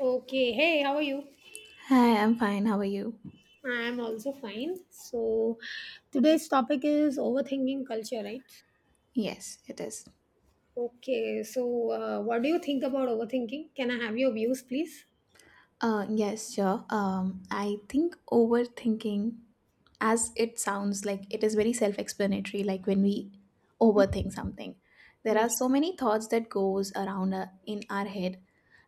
Okay, hey, how are you? Hi, I'm fine. How are you? I am also fine. So, today's topic is overthinking culture, right? Yes, it is. Okay, so what do you think about overthinking? Can I have your views, please? Yes, sure. I think overthinking, as it sounds like, it is very self-explanatory. Like when we overthink something, there Yeah. are so many thoughts that goes around in our head,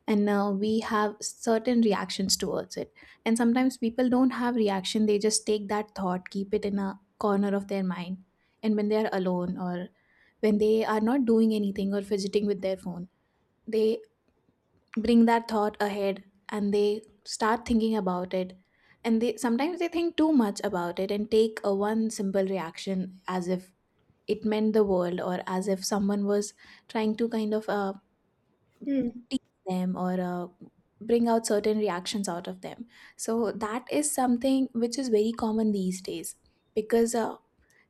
and we have certain reactions towards it. And sometimes people don't have reaction; they just take that thought, keep it in a corner of their mind, and when they are alone or when they are not doing anything or fidgeting with their phone they bring that thought ahead and they start thinking about it and they sometimes they think too much about it and take a one simple reaction as if it meant the world or as if someone was trying to kind of Hmm. tease them or bring out certain reactions out of them. So that is something which is very common these days because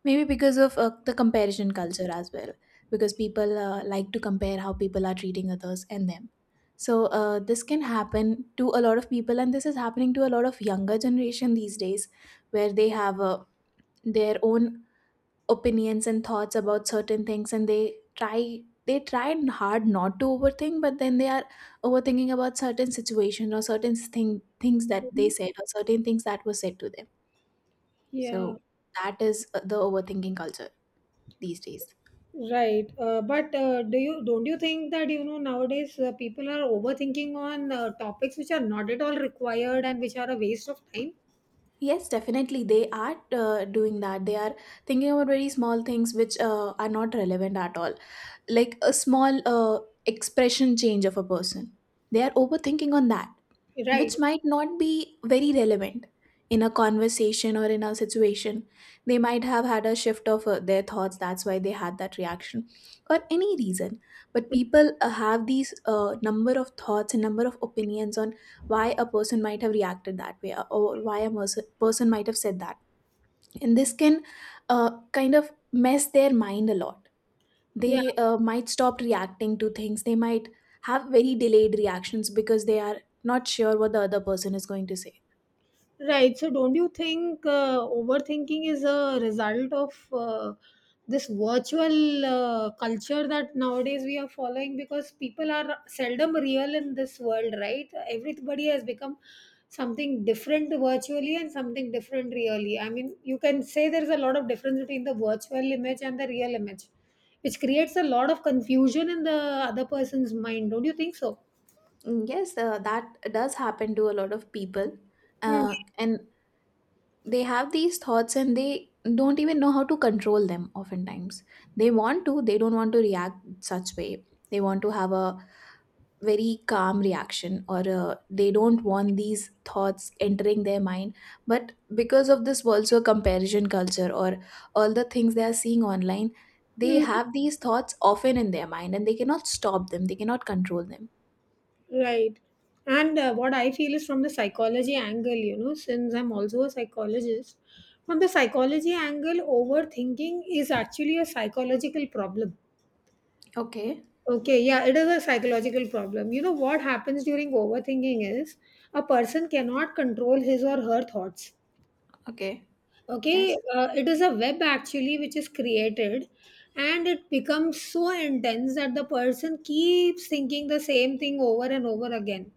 maybe because of the comparison culture as well because people like to compare how people are treating others and them. So this can happen to a lot of people, and this is happening to a lot of younger generation these days, where they have their own opinions and thoughts about certain things and they try and hard not to overthink but then they are overthinking about certain situations or things that they said or certain things that were said to them, Yeah. so that is the overthinking culture these days. Right. But do you don't you think that you know nowadays people are overthinking on topics which are not at all required and which are a waste of time? Yes, definitely they are doing that. They are thinking about very small things which are not relevant at all, like a small expression change of a person. They are overthinking on that, Right. which might not be very relevant in a conversation or in a situation. They might have had a shift of their thoughts, that's why they had that reaction, or any reason. But people have these number of thoughts and number of opinions on why a person might have reacted that way, or why person might have said that. And this can kind of mess their mind a lot. Yeah. They might stop reacting to things, they might have very delayed reactions because they are not sure what the other person is going to say. Right. So, don't you think overthinking is a result of this virtual culture that nowadays we are following? Because people are seldom real in this world, right? Everybody has become something different virtually and something different really. I mean, you can say there's a lot of difference between the virtual image and the real image, which creates a lot of confusion in the other person's mind. Don't you think so? Mm, yes, that does happen to a lot of people, Hmm. And they have these thoughts and they don't even know how to control them. Oftentimes they want to, they don't want to react such way, they want to have a very calm reaction, or they don't want these thoughts entering their mind, but because of this also comparison culture or all the things they are seeing online, they Hmm. have these thoughts often in their mind and they cannot stop them, they cannot control them. Right. And what I feel is, from the psychology angle, you know, since I'm also a psychologist, from the psychology angle, overthinking is actually a psychological problem. Okay, Okay, yeah, it is a psychological problem. You know, what happens during overthinking is a person cannot control his or her thoughts. okay. Okay, Yes, it is a web actually which is created, and it becomes so intense that the person keeps thinking the same thing over and over again.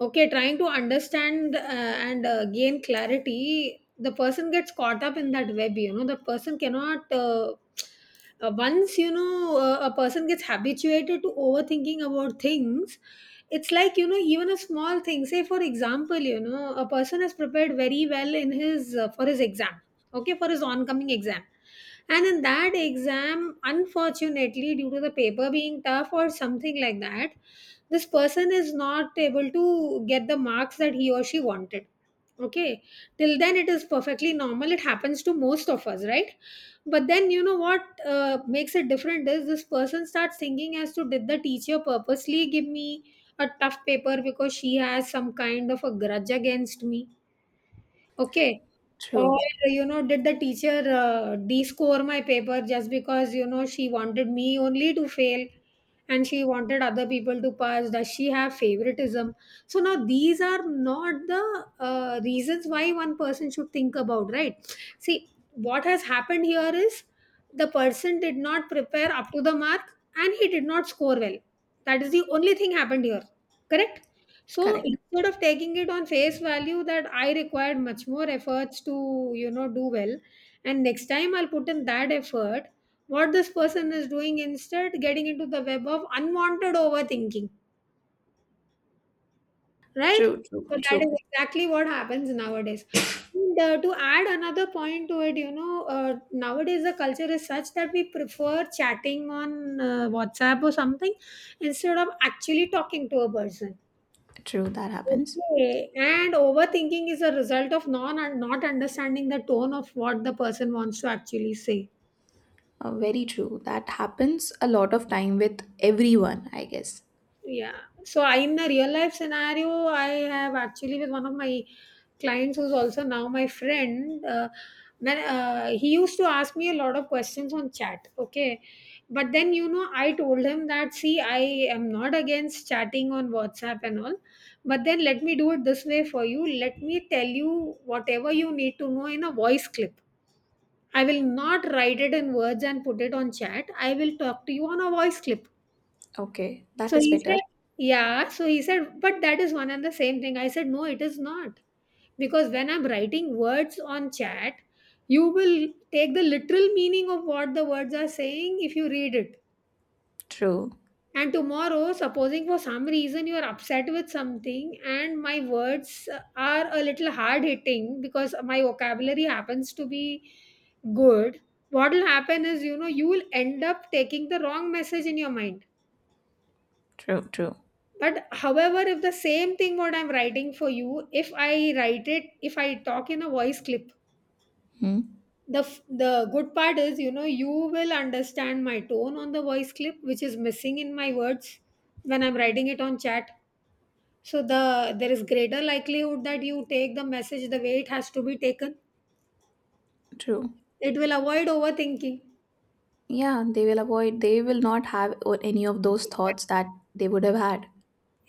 Okay, trying to understand and gain clarity, the person gets caught up in that web, you know, the person cannot. Once you know a person gets habituated to overthinking about things, it's like, you know, even a small thing. Say, for example, you know, a person has prepared very well in his for his exam, okay, for his oncoming exam, and in that exam, unfortunately, due to the paper being tough or something like that, this person is not able to get the marks that he or she wanted. Okay, till then it is perfectly normal. It happens to most of us, right? But then, you know what makes it different is this person starts thinking as to, did the teacher purposely give me a tough paper because she has some kind of a grudge against me? Okay. Or, true. you know, did the teacher de my paper just because, you know, she wanted me only to fail and she wanted other people to pass? Does she have favoritism? So now, these are not the reasons why one person should think about, right? See, what has happened here is the person did not prepare up to the mark and he did not score well. That is the only thing happened here. Correct? So Correct. instead of taking it on face value that I required much more efforts to, you know, do well, and next time I'll put in that effort, what this person is doing instead, getting into the web of unwanted overthinking, right? True, true, So that is true. exactly what happens nowadays. And to add another point to it, you know, nowadays the culture is such that we prefer chatting on WhatsApp or something instead of actually talking to a person. True, that happens. Okay. And overthinking is a result of non not understanding the tone of what the person wants to actually say. Very true. That happens a lot of time with everyone, I guess. Yeah. So I, in a real life scenario, I have actually with one of my clients, who's also now my friend. When he used to ask me a lot of questions on chat. Okay. But then, you know, I told him that, see, I am not against chatting on WhatsApp and all, but then let me do it this way for you. Let me tell you whatever you need to know in a voice clip. I will not write it in words and put it on chat. I will talk to you on a voice clip. Okay, that So is he better. said, yeah. So he said, but that is one and the same thing. I said, no, it is not. Because when I'm writing words on chat, you will take the literal meaning of what the words are saying if you read it. True, And tomorrow, supposing for some reason you are upset with something, and my words are a little hard hitting because my vocabulary happens to be good, what will happen is, you know, you will end up taking the wrong message in your mind. true, true. But however, if the same thing what I'm writing for you, if I write it, if I talk in a voice clip, Hmm? The good part is, you know, you will understand my tone on the voice clip, which is missing in my words when I'm writing it on chat. So the there is greater likelihood that you take the message the way it has to be taken. True. It will avoid overthinking. Yeah, they will avoid, they will not have any of those thoughts that they would have had.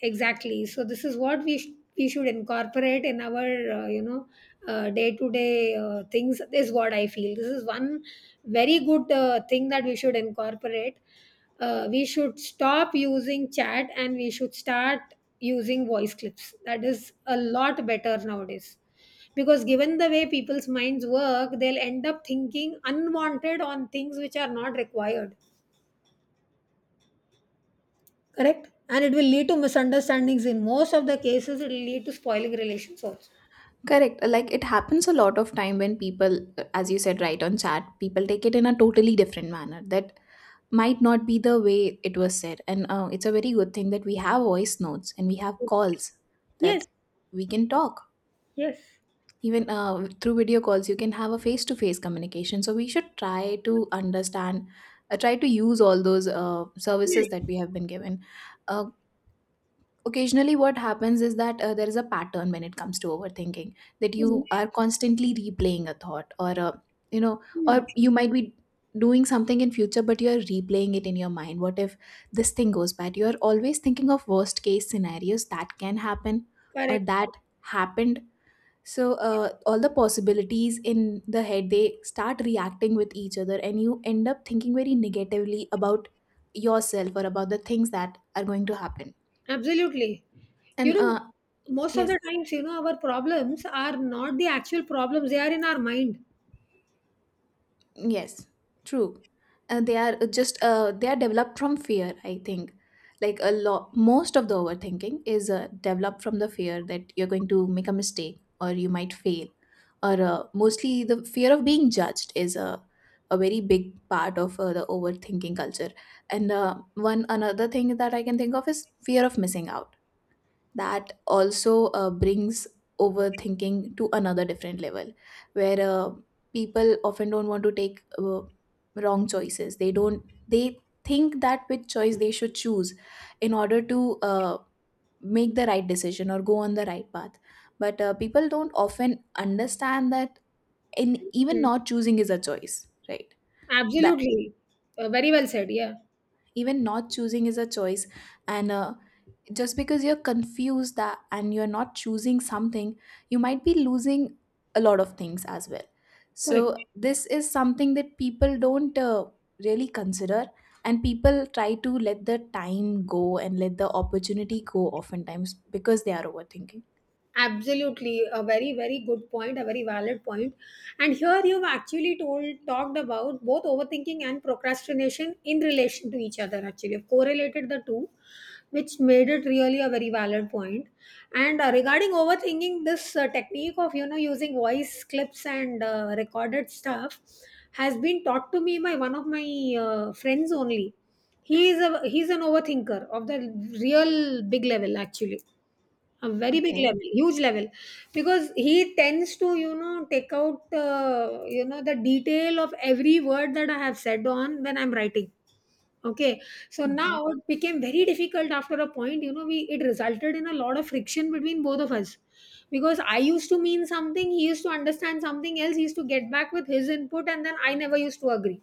Exactly. So this is what we should incorporate in our, uh, you know day-to-day things, is what I feel. This is one very good thing that we should incorporate. We should stop using chat and we should start using voice clips. That is a lot better nowadays, because given the way people's minds work, they'll end up thinking unwanted on things which are not required. Correct? And it will lead to misunderstandings. In most of the cases, it will lead to spoiling relations also. Correct. Like it happens a lot of time when people, as you said, right on chat, people take it in a totally different manner that might not be the way it was said. And it's a very good thing that we have voice notes and we have calls Yes, that we can talk. yes. Even through video calls, you can have a face to face communication. So we should try to understand, try to use all those services that we have been given. Uh, Occasionally what happens is that there is a pattern when it comes to overthinking, that you are constantly replaying a thought or a, you know Hmm, or you might be doing something in future but you're replaying it in your mind, what if this thing goes bad. You're always thinking of worst case scenarios that can happen or correct. that happened. So all the possibilities in the head they start reacting with each other and you end up thinking very negatively about yourself or about the things that are going to happen, Absolutely. You and know, most of yes. the times, you know, our problems are not the actual problems, they are in our mind. Yes, true. They are just they are developed from fear, I think. Like a lot, most of the overthinking is developed from the fear that you're going to make a mistake or you might fail, or mostly the fear of being judged is a very big part of the overthinking culture. And one another thing that I can think of is fear of missing out. That also brings overthinking to another different level, where people often don't want to take wrong choices. They don't they think that which choice they should choose in order to make the right decision or go on the right path. But people don't often understand that in even Mm. not choosing is a choice, right? That Absolutely. Very well said. Yeah. even not choosing is a choice. And just because you're confused that and you're not choosing something, you might be losing a lot of things as well. Correct. So this is something that people don't really consider, and people try to let the time go and let the opportunity go oftentimes because they are overthinking. Absolutely, a very, very good point, a very valid point. And here you've actually told talked about both overthinking and procrastination in relation to each other. Actually, you've correlated the two, which made it really a very valid point. And regarding overthinking, this technique of, you know, using voice clips and recorded stuff has been taught to me by one of my friends only. He is a he's an overthinker of the real big level, actually, a very big Okay, level, huge level, because he tends to, you know, take out, you know, the detail of every word that I have said on when I'm writing. Okay, so okay, now it became very difficult after a point. You know, we it resulted in a lot of friction between both of us, because I used to mean something, he used to understand something else, he used to get back with his input, and then I never used to agree,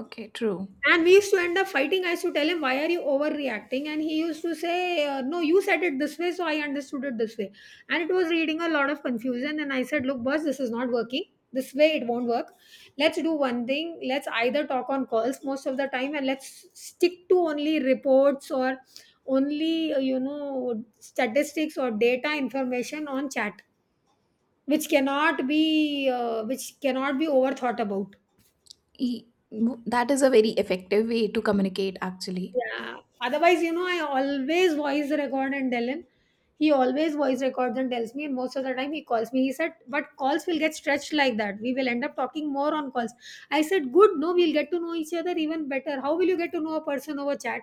okay. True. and we used to end up fighting. I used to tell him, why are you overreacting? And he used to say, no, you said it this way, so I understood it this way. And it was reading a lot of confusion. And I said, look, boss, this is not working. This way it won't work. Let's do one thing. Let's either talk on calls most of the time and let's stick to only reports, or only, you know, statistics or data information on chat, which cannot be overthought about. E- that is a very effective way to communicate actually. Yeah. Otherwise, you know, I always voice record and tell him. He always voice records and tells me, and most of the time he calls me. He said, but calls will get stretched like that. We will end up talking more on calls. I said, good, no, we'll get to know each other even better. How will you get to know a person over chat?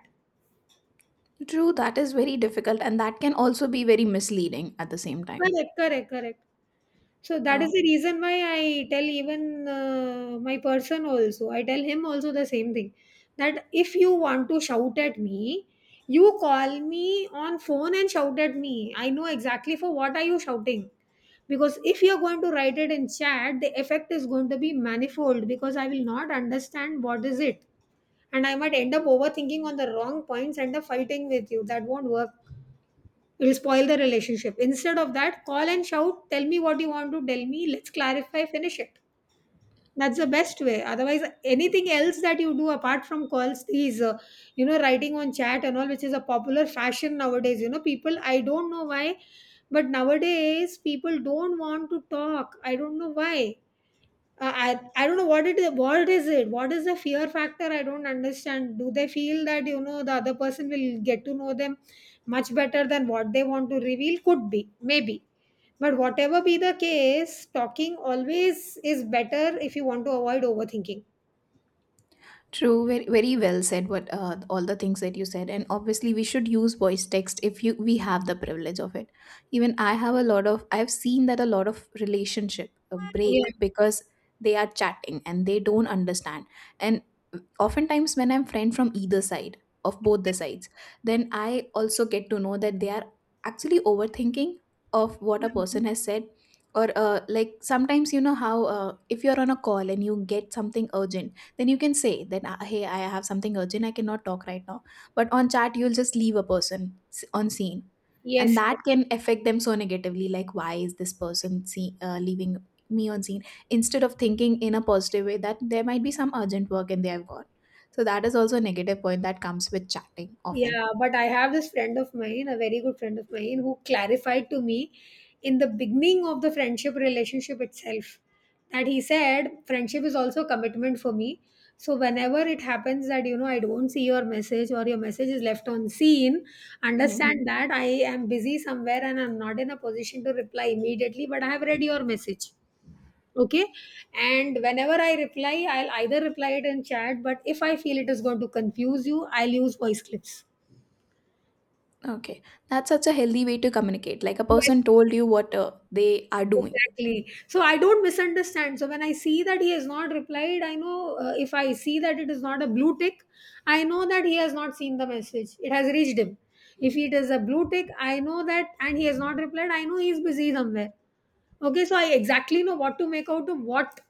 True, that is very difficult and that can also be very misleading at the same time. Correct, correct, correct. So that is Uh, the reason why I tell even my person also, I tell him also the same thing, that if you want to shout at me, you call me on phone and shout at me. I know exactly for what are you shouting. Because if you're going to write it in chat, the effect is going to be manifold because I will not understand what is it. And I might end up overthinking on the wrong points and the fighting with you. That won't work. It'll spoil the relationship. Instead of that, call and shout, tell me what you want to tell me, let's clarify, finish it. That's the best way. Otherwise, anything else that you do apart from calls, these, writing on chat and all, which is a popular fashion nowadays, you know, people, I don't know why, but nowadays people don't want to talk. I don't know why. I don't know what it is. What is it? What is the fear factor? I don't understand. Do they feel that, you know, the other person will get to know them much better than what they want to reveal? Could be, maybe. But whatever be the case, talking always is better if you want to avoid overthinking. True, very, very well said. What all the things that you said, and obviously we should use voice text if you we have the privilege of it. Even I have a lot of I've seen that a lot of relationship break Yeah. because they are chatting and they don't understand. And oftentimes when I'm friend from either side of both the sides, then I also get to know that they are actually overthinking of what a person has said, or like sometimes, you know how, if you're on a call and you get something urgent, then you can say that hey, I have something urgent, I cannot talk right now. But on chat you'll just leave a person on scene, and Yes. that can affect them so negatively, like why is this person, see, leaving me on scene, instead of thinking in a positive way that there might be some urgent work and they have gone. So that is also a negative point that comes with chatting often. Yeah, but I have this friend of mine, a very good friend of mine, who clarified to me in the beginning of the friendship relationship itself, that he said, friendship is also a commitment for me. So whenever it happens that, I don't see your message or your message is left on scene, Hmm. understand that I am busy somewhere and I'm not in a position to reply immediately, but I have read your message. Okay. And whenever I reply, I'll either reply it in chat, but if I feel it is going to confuse you, I'll use voice clips. Okay, that's such a healthy way to communicate. Like a Yes, person told you what they are doing. exactly. So I don't misunderstand. So when I see that he has not replied, I know, if I see that it is not a blue tick, I know that he has not seen the message. It has reached him. If it is a blue tick, I know that, and he has not replied, I know he is busy somewhere. Okay, so I exactly know what to make out of what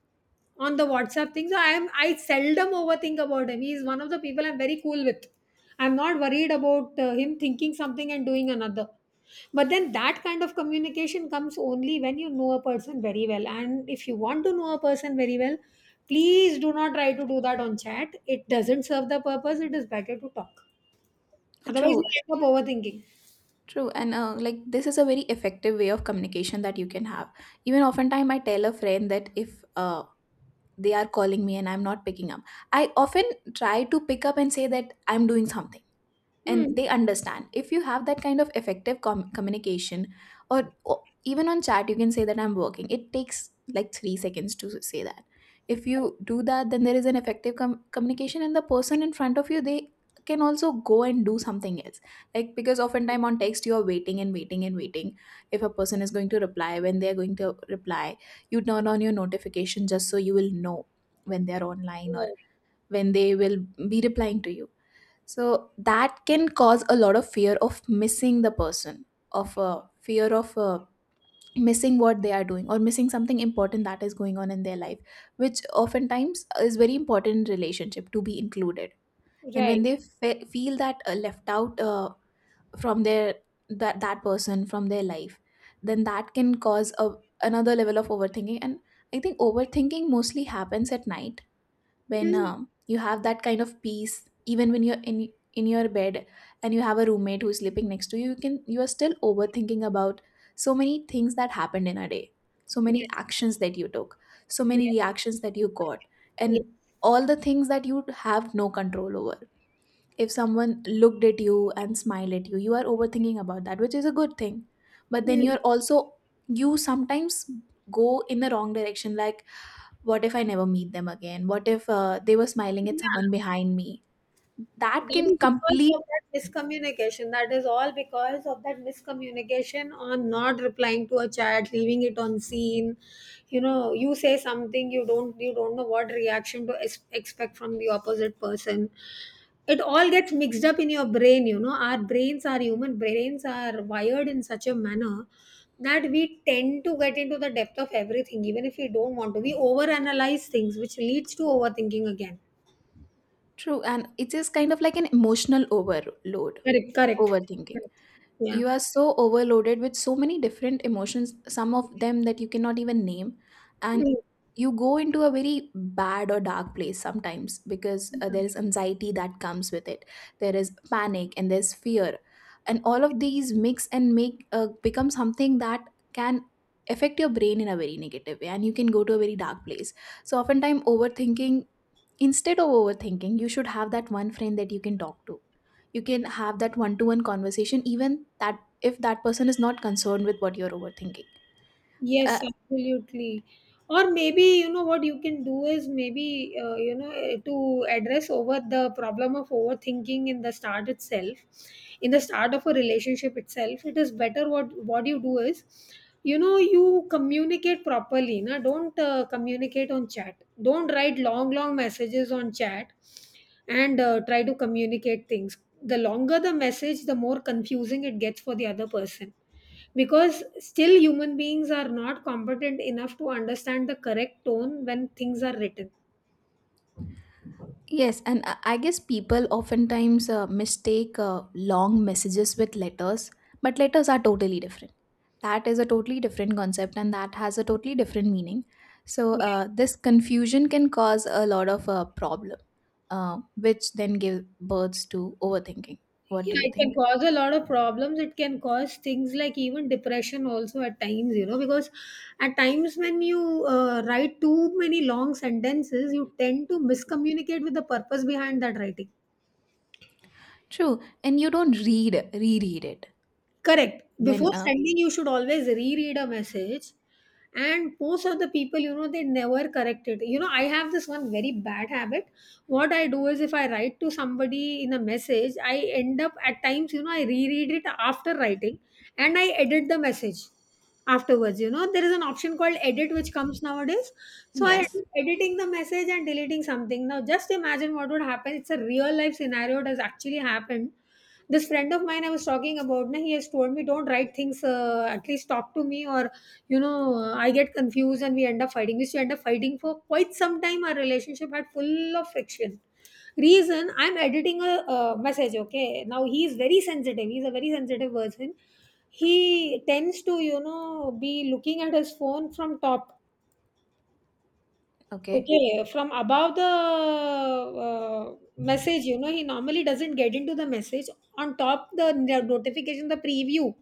on the WhatsApp thing. So I seldom overthink about him. He is one of the people I'm very cool with. I'm not worried about him thinking something and doing another. But then that kind of communication comes only when you know a person very well. And if you want to know a person very well, please do not try to do that on chat. It doesn't serve the purpose. It is better to talk. Otherwise, True. you end up overthinking. True, and like this is a very effective way of communication that you can have. Even oftentimes, I tell a friend that if they are calling me and I'm not picking up, I often try to pick up and say that I'm doing something Hmm. and they understand. If you have that kind of effective communication, or even on chat you can say that I'm working. It takes like 3 seconds to say that. If you do that then there is an effective communication and the person in front of you, they can also go and do something else. Like because oftentimes on text you are waiting and waiting and waiting, if a person is going to reply, when they are going to reply, you turn on your notification just so you will know when they are online or when they will be replying to you. So that can cause a lot of fear of missing the person, of fear of missing what they are doing or missing something important that is going on in their life, which oftentimes is very important in relationship to be included. And when Right. they feel that left out from their, that that person from their life, then that can cause a, another level of overthinking. And I think overthinking mostly happens at night, when Hmm. You have that kind of peace, even when you're in your bed and you have a roommate who's sleeping next to you, you can, you are still overthinking about so many things that happened in a day, so many Yes. actions that you took, so many Yes. reactions that you got, Yes. and all the things that you have no control over. If someone looked at you and smiled at you, you are overthinking about that, which is a good thing, but then Hmm. you're also, you sometimes go in the wrong direction, like what if I never meet them again? What if they were smiling at someone Yeah. behind me? That That is can because of complete that miscommunication. That is all because of that miscommunication on not replying to a chat, leaving it on scene. You know, you say something, you don't know what reaction to expect from the opposite person. It all gets mixed up in your brain. You know, our brains, our human brains, are wired in such a manner that we tend to get into the depth of everything, even if we don't want to. We overanalyze things, which leads to overthinking again. true, and it is kind of like an emotional overload, Correct. Correct. overthinking. Correct. Yeah. You are so overloaded with so many different emotions, some of them that you cannot even name, and Mm, you go into a very bad or dark place sometimes because yeah. there is anxiety that comes with it. There is panic and there's fear, and all of these mix and make become something that can affect your brain in a very negative way, and you can go to a very dark place. So oftentimes overthinking instead of overthinking you should have that one friend that you can talk to. You can have that one to one conversation, even that if that person is not concerned with what you're overthinking. uh, Yes, absolutely. Or maybe, you know, what you can do is maybe, to address over the problem of overthinking in the start itself, in the start of a relationship itself, it is better what you do is, you know, you communicate properly. Na? Don't communicate on chat. Don't write long, long messages on chat and try to communicate things. The longer the message, the more confusing it gets for the other person because still human beings are not competent enough to understand the correct tone when things are written. yes, and I guess people oftentimes mistake long messages with letters, but letters are totally different. That is a totally different concept, and that has a totally different meaning. So this confusion can cause a lot of problem, uh, which then give birth to overthinking. What Yeah, do you it can think? cause a lot of problems. It can cause things like even depression also at times, you know, because at times when you write too many long sentences, you tend to miscommunicate with the purpose behind that writing. True, and you don't read reread it. Correct. Before When sending, you should always reread a message. And most of the people, you know, they never correct it. You know, I have this one very bad habit. What I do is if I write to somebody in a message, I end up at times, you know, I reread it after writing and I edit the message. Afterwards, you know, there is an option called edit which comes nowadays. So I am Yes. editing the message and deleting something. Now just imagine what would happen. It's a real life scenario. It has actually happened. This friend of mine I was talking about, na, he has told me don't write things. At least talk to me, or you know, I get confused and we end up fighting. We used to end up fighting for quite some time. Our relationship had full of friction reason I'm editing a, message. Okay, now he is very sensitive. He's a very sensitive person. He tends to, you know, be looking at his phone from top. Okay. Okay, from above the message, you know, he normally doesn't get into the message. On top, the no, notification, the preview.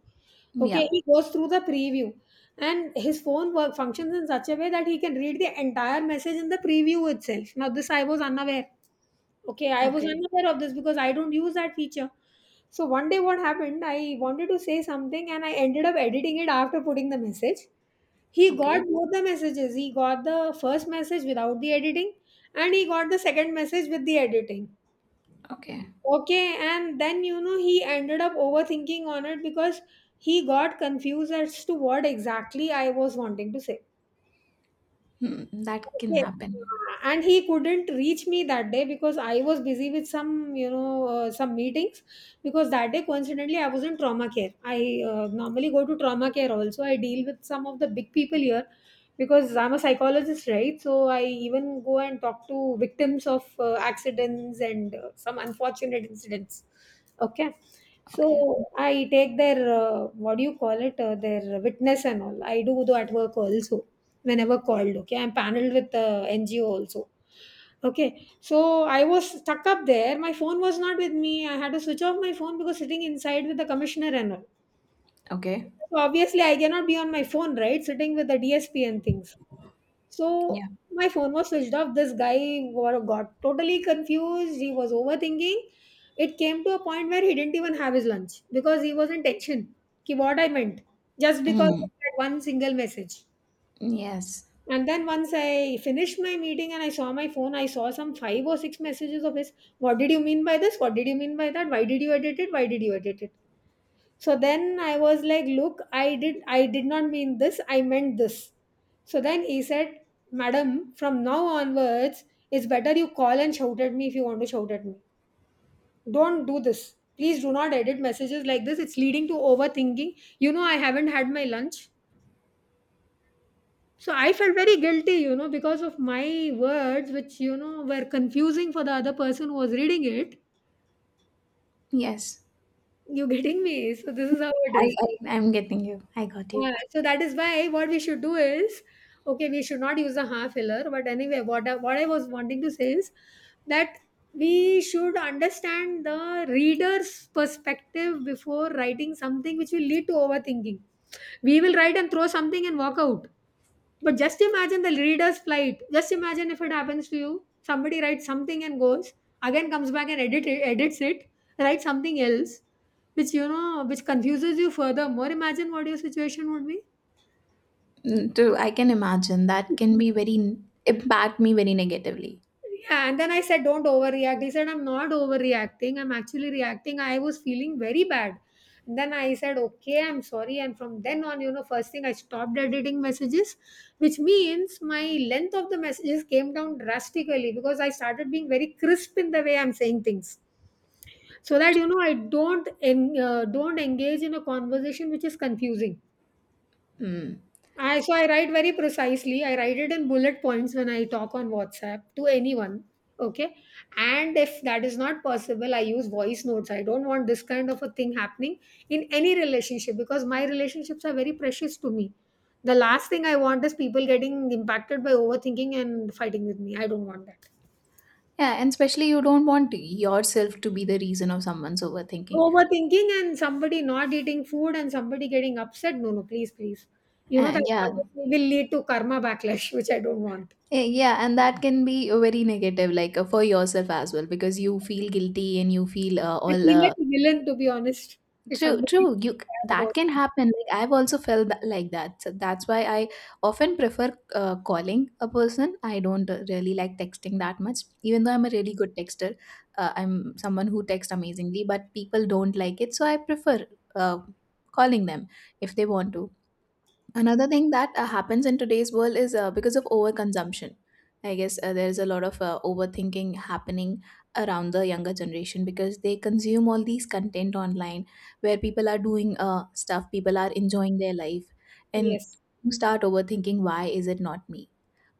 Okay, Yeah, he goes through the preview, and his phone work functions in such a way that he can read the entire message in the preview itself. Now, this I was unaware. Okay, I was okay, unaware of this because I don't use that feature. So one day, what happened? I wanted to say something, and I ended up editing it after putting the message. He got okay, both the messages. He got the first message without the editing, and he got the second message with the editing. okay. Okay, and then you know he ended up overthinking on it because he got confused as to what exactly I was wanting to say. Hmm, that can Yes. happen. And he couldn't reach me that day because I was busy with some, you know, some meetings. Because that day, coincidentally, I was in trauma care. I normally go to trauma care also. I deal with some of the big people here because I'm a psychologist, right? So I even go and talk to victims of accidents and some unfortunate incidents. Okay. Okay, So I take their, what do you call it, their witness and all. I do that work also whenever called. Okay, I'm paneled with the NGO also. Okay, so I was stuck up there. My phone was not with me. I had to switch off my phone because sitting inside with the commissioner and all. okay, So obviously, I cannot be on my phone, right? Sitting with the DSP and things. So yeah. my phone was switched off. This guy got totally confused. He was overthinking. It came to a point where he didn't even have his lunch because he was in tension. Ki what I meant, just because Mm, of that one single message. yes, And then once I finished my meeting and I saw my phone, I saw some five or six messages of his. What did you mean by this? What did you mean by that? Why did you edit it? Why did you edit it? So then I was like, look, I did not mean this, I meant this. So then he said, Madam, from now onwards, it's better you call and shout at me if you want to shout at me. Don't do this. Please do not edit messages like this. It's leading to overthinking. You know, I haven't had my lunch. So I felt very guilty, you know, because of my words, which, you know, were confusing for the other person who was reading it. yes. You getting me? So this is how it is. I'm getting you. I got you. Yeah. So that is why what we should do is, okay, we should not use a half filler. But anyway, what I was wanting to say is that we should understand the reader's perspective before writing something which will lead to overthinking. We will write and throw something and walk out. But just imagine the reader's plight. Just imagine if it happens to you. Somebody writes something and goes, again comes back and edits it, writes something else, which you know, which confuses you further. More imagine what your situation would be. Mm, too, I can imagine that can be very impact me very negatively. Yeah, and then I said, don't overreact. He said, I'm not overreacting. I'm actually reacting. I was feeling very bad. And then I said, okay, I'm sorry. And from then on, you know, first thing I stopped editing messages, which means my length of the messages came down drastically because I started being very crisp in the way I'm saying things, so that you know I don't don't engage in a conversation which is confusing. Mm. I so I write very precisely. I write it in bullet points when I talk on WhatsApp to anyone. Okay. And if that is not possible, I use voice notes. I don't want this kind of a thing happening in any relationship because my relationships are very precious to me. The last thing I want is people getting impacted by overthinking and fighting with me. I don't want that. Yeah, and especially you don't want yourself to be the reason of someone's overthinking. Overthinking and somebody not eating food and somebody getting upset. No, no, please, please. You know that Yeah. will lead to karma backlash, which I don't want. Eh, yeah, and that can be very negative, like for yourself as well, because you feel guilty and you feel I all feel like a villain, to be honest, if true. somebody is True, sad that about can me. happen. Like I've also felt that, like that. So that's why I often prefer calling a person. I don't really like texting that much, even though I'm a really good texter. I'm someone who texts amazingly, but people don't like it, so I prefer uh, calling them if they want to. Another thing that happens in today's world is because of overconsumption, I guess there's a lot of overthinking happening around the younger generation because they consume all these content online where people are doing stuff, people are enjoying their life. And Yes. you start overthinking, why is it not me?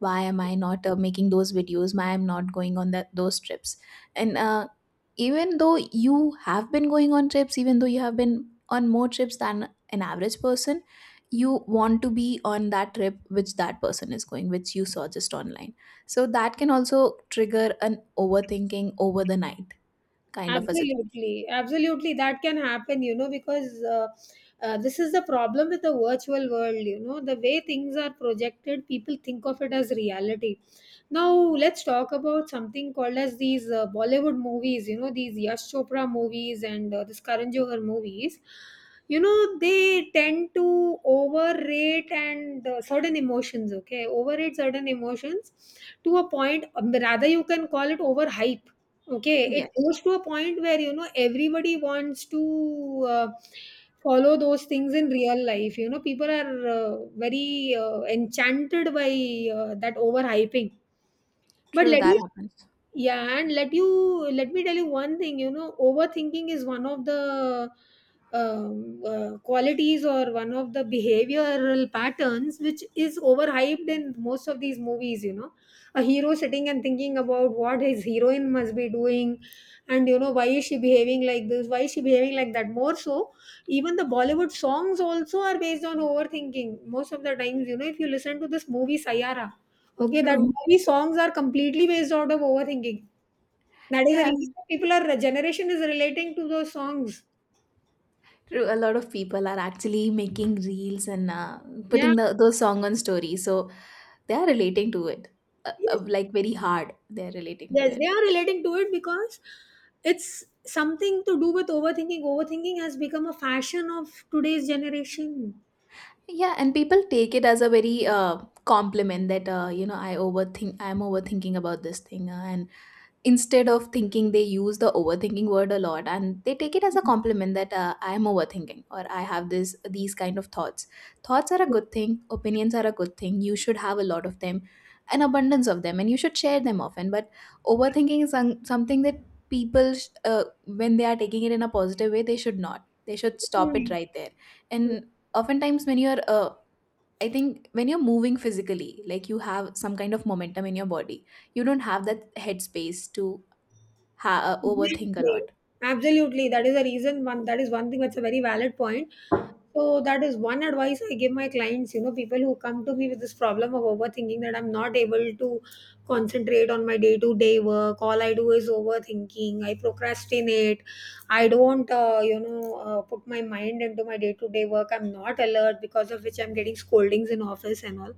Why am I not making those videos? Why I'm not going on that those trips? And even though you have been going on trips, even though you have been on more trips than an average person, you want to be on that trip which that person is going, which you saw just online. So that can also trigger an overthinking over the night kind of a situation. Absolutely, absolutely, that can happen, you know, because this is the problem with the virtual world, you know, the way things are projected, people think of it as reality. Now, let's talk about something called as these Bollywood movies, you know, these Yash Chopra movies and this Karan Johar movies. You know, they tend to overrate and certain emotions, okay, overrate certain emotions to a point, rather, you can call it overhype. Okay, it Yes. goes to a point where you know everybody wants to follow those things in real life. You know, people are very enchanted by that overhyping. But True, that happens. yeah and let you let me tell you one thing, you know, overthinking is one of the qualities or one of the behavioral patterns which is overhyped in most of these movies, you know, a hero sitting and thinking about what his heroine must be doing, and, you know, why is she behaving like this, why is she behaving like that. More so, even the Bollywood songs also are based on overthinking most of the times. You know, if you listen to this movie Sayara, okay, that True. movie songs are completely based out of overthinking. That is the Yeah, reason people are generation is relating to those songs. true. A lot of people are actually making reels and Yeah. putting those song on story, so they are relating to it, Yes, like very hard they're relating to yes, it. they are relating to it because it's something to do with overthinking. Overthinking has become a fashion of today's generation. Yeah, and people take it as a very compliment that, you know, I overthink, I'm overthinking about this thing, and instead of thinking they use the overthinking word a lot, and they take it as a compliment that I am overthinking or I have this these kind of thoughts. Thoughts are a good thing, opinions are a good thing, you should have a lot of them, an abundance of them, and you should share them often. But overthinking is something that people sh- uh, when they are taking it in a positive way, they should not, they should stop it Hmm. right there. And oftentimes when you're I think when you're moving physically, like you have some kind of momentum in your body, you don't have that headspace to overthink a Absolutely, lot. absolutely. That is the reason one thing, that's a very valid point. So that is one advice I give my clients, you know, people who come to me with this problem of overthinking, that I'm not able to concentrate on my day-to-day work. All I do is overthinking. I procrastinate. I don't, put my mind into my day-to-day work. I'm not alert, because of which I'm getting scoldings in office and all.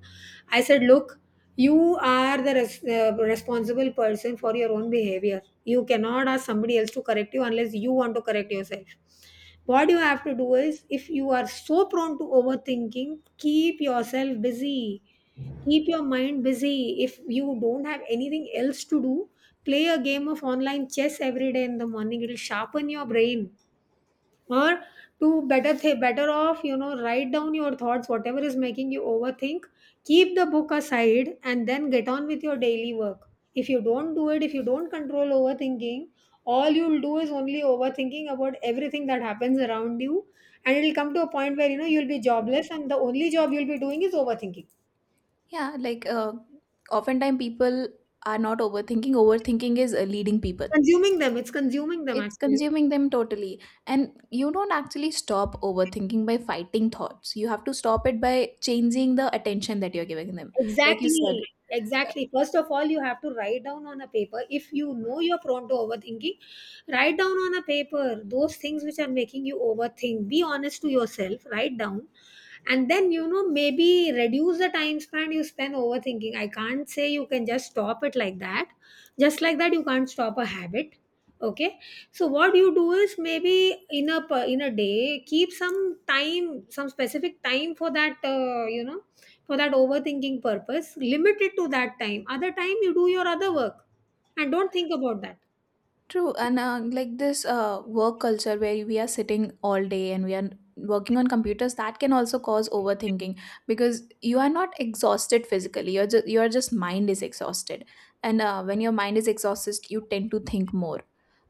I said, look, you are the responsible person for your own behavior. You cannot ask somebody else to correct you unless you want to correct yourself. What you have to do is, if you are so prone to overthinking, keep yourself busy. Keep your mind busy. If you don't have anything else to do, play a game of online chess every day in the morning. It'll sharpen your brain, or to better off, you know, write down your thoughts, whatever is making you overthink. Keep the book aside and then get on with your daily work. If you don't do it, if you don't control overthinking, all you'll do is only overthinking about everything that happens around you, and it'll come to a point where, you know, you'll be jobless and the only job you'll be doing is overthinking. Yeah, like, oftentimes people are not overthinking, overthinking is leading people, Consuming them, it's consuming them it's actually. consuming them totally. And you don't actually stop overthinking by fighting thoughts, you have to stop it by changing the attention that you're giving them, like you Exactly, said. exactly. First of all, you have to write down on a paper. If you know you're prone to overthinking, write down on a paper those things which are making you overthink. Be honest to yourself, write down, and then, you know, maybe reduce the time span you spend overthinking. I can't say you can just stop it like that. Just like that you can't stop a habit. Okay, so what you do is, maybe in a day, keep some time, some specific time for that, you know, for that overthinking purpose. Limit it to that time, other time you do your other work and don't think about that. True, and like this work culture where we are sitting all day and we are working on computers, that can also cause overthinking, because you are not exhausted physically. You're just your just mind is exhausted, and when your mind is exhausted, you tend to think more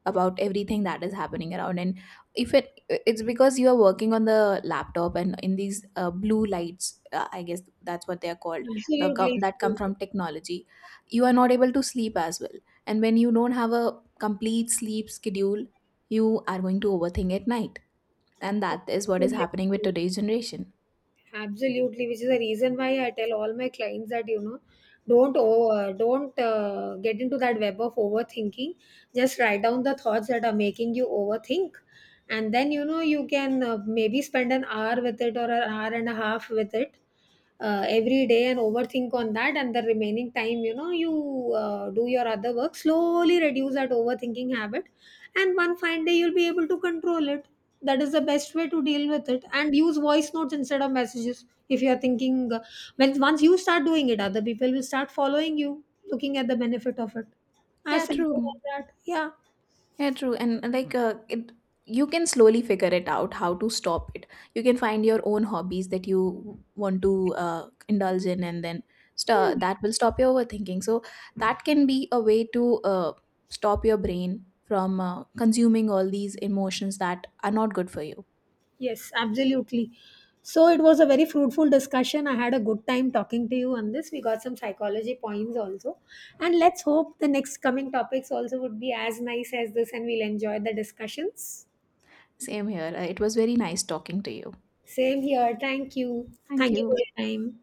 about everything that is happening around. And if it it's because you are working on the laptop and in these blue lights, I guess that's what they are called, Absolutely. that come from technology, you are not able to sleep as well. And when you don't have a complete sleep schedule, you are going to overthink at night. And that is what is happening with today's generation. Absolutely, which is the reason why I tell all my clients that, you know, don't get into that web of overthinking. Just write down the thoughts that are making you overthink, and then, you know, you can maybe spend an hour with it or an hour and a half with it, every day, and overthink on that, and the remaining time, you know, you do your other work, slowly reduce that overthinking habit, and one fine day you'll be able to control it. That is the best way to deal with it. And use voice notes instead of messages if you are thinking when Once you start doing it, other people will start following you, looking at the benefit of it. I Yeah, simple like true. that. Yeah. Yeah, true. And it, you can slowly figure it out how to stop it. You can find your own hobbies that you want to indulge in, and then that will stop your overthinking. So that can be a way to stop your brain from consuming all these emotions that are not good for you. Yes, absolutely. So it was a very fruitful discussion. I had a good time talking to you on this. We got some psychology points also. And let's hope the next coming topics also would be as nice as this and we'll enjoy the discussions. Same here. It was very nice talking to you. Same here. Thank you. Thank Thank you for you. your time.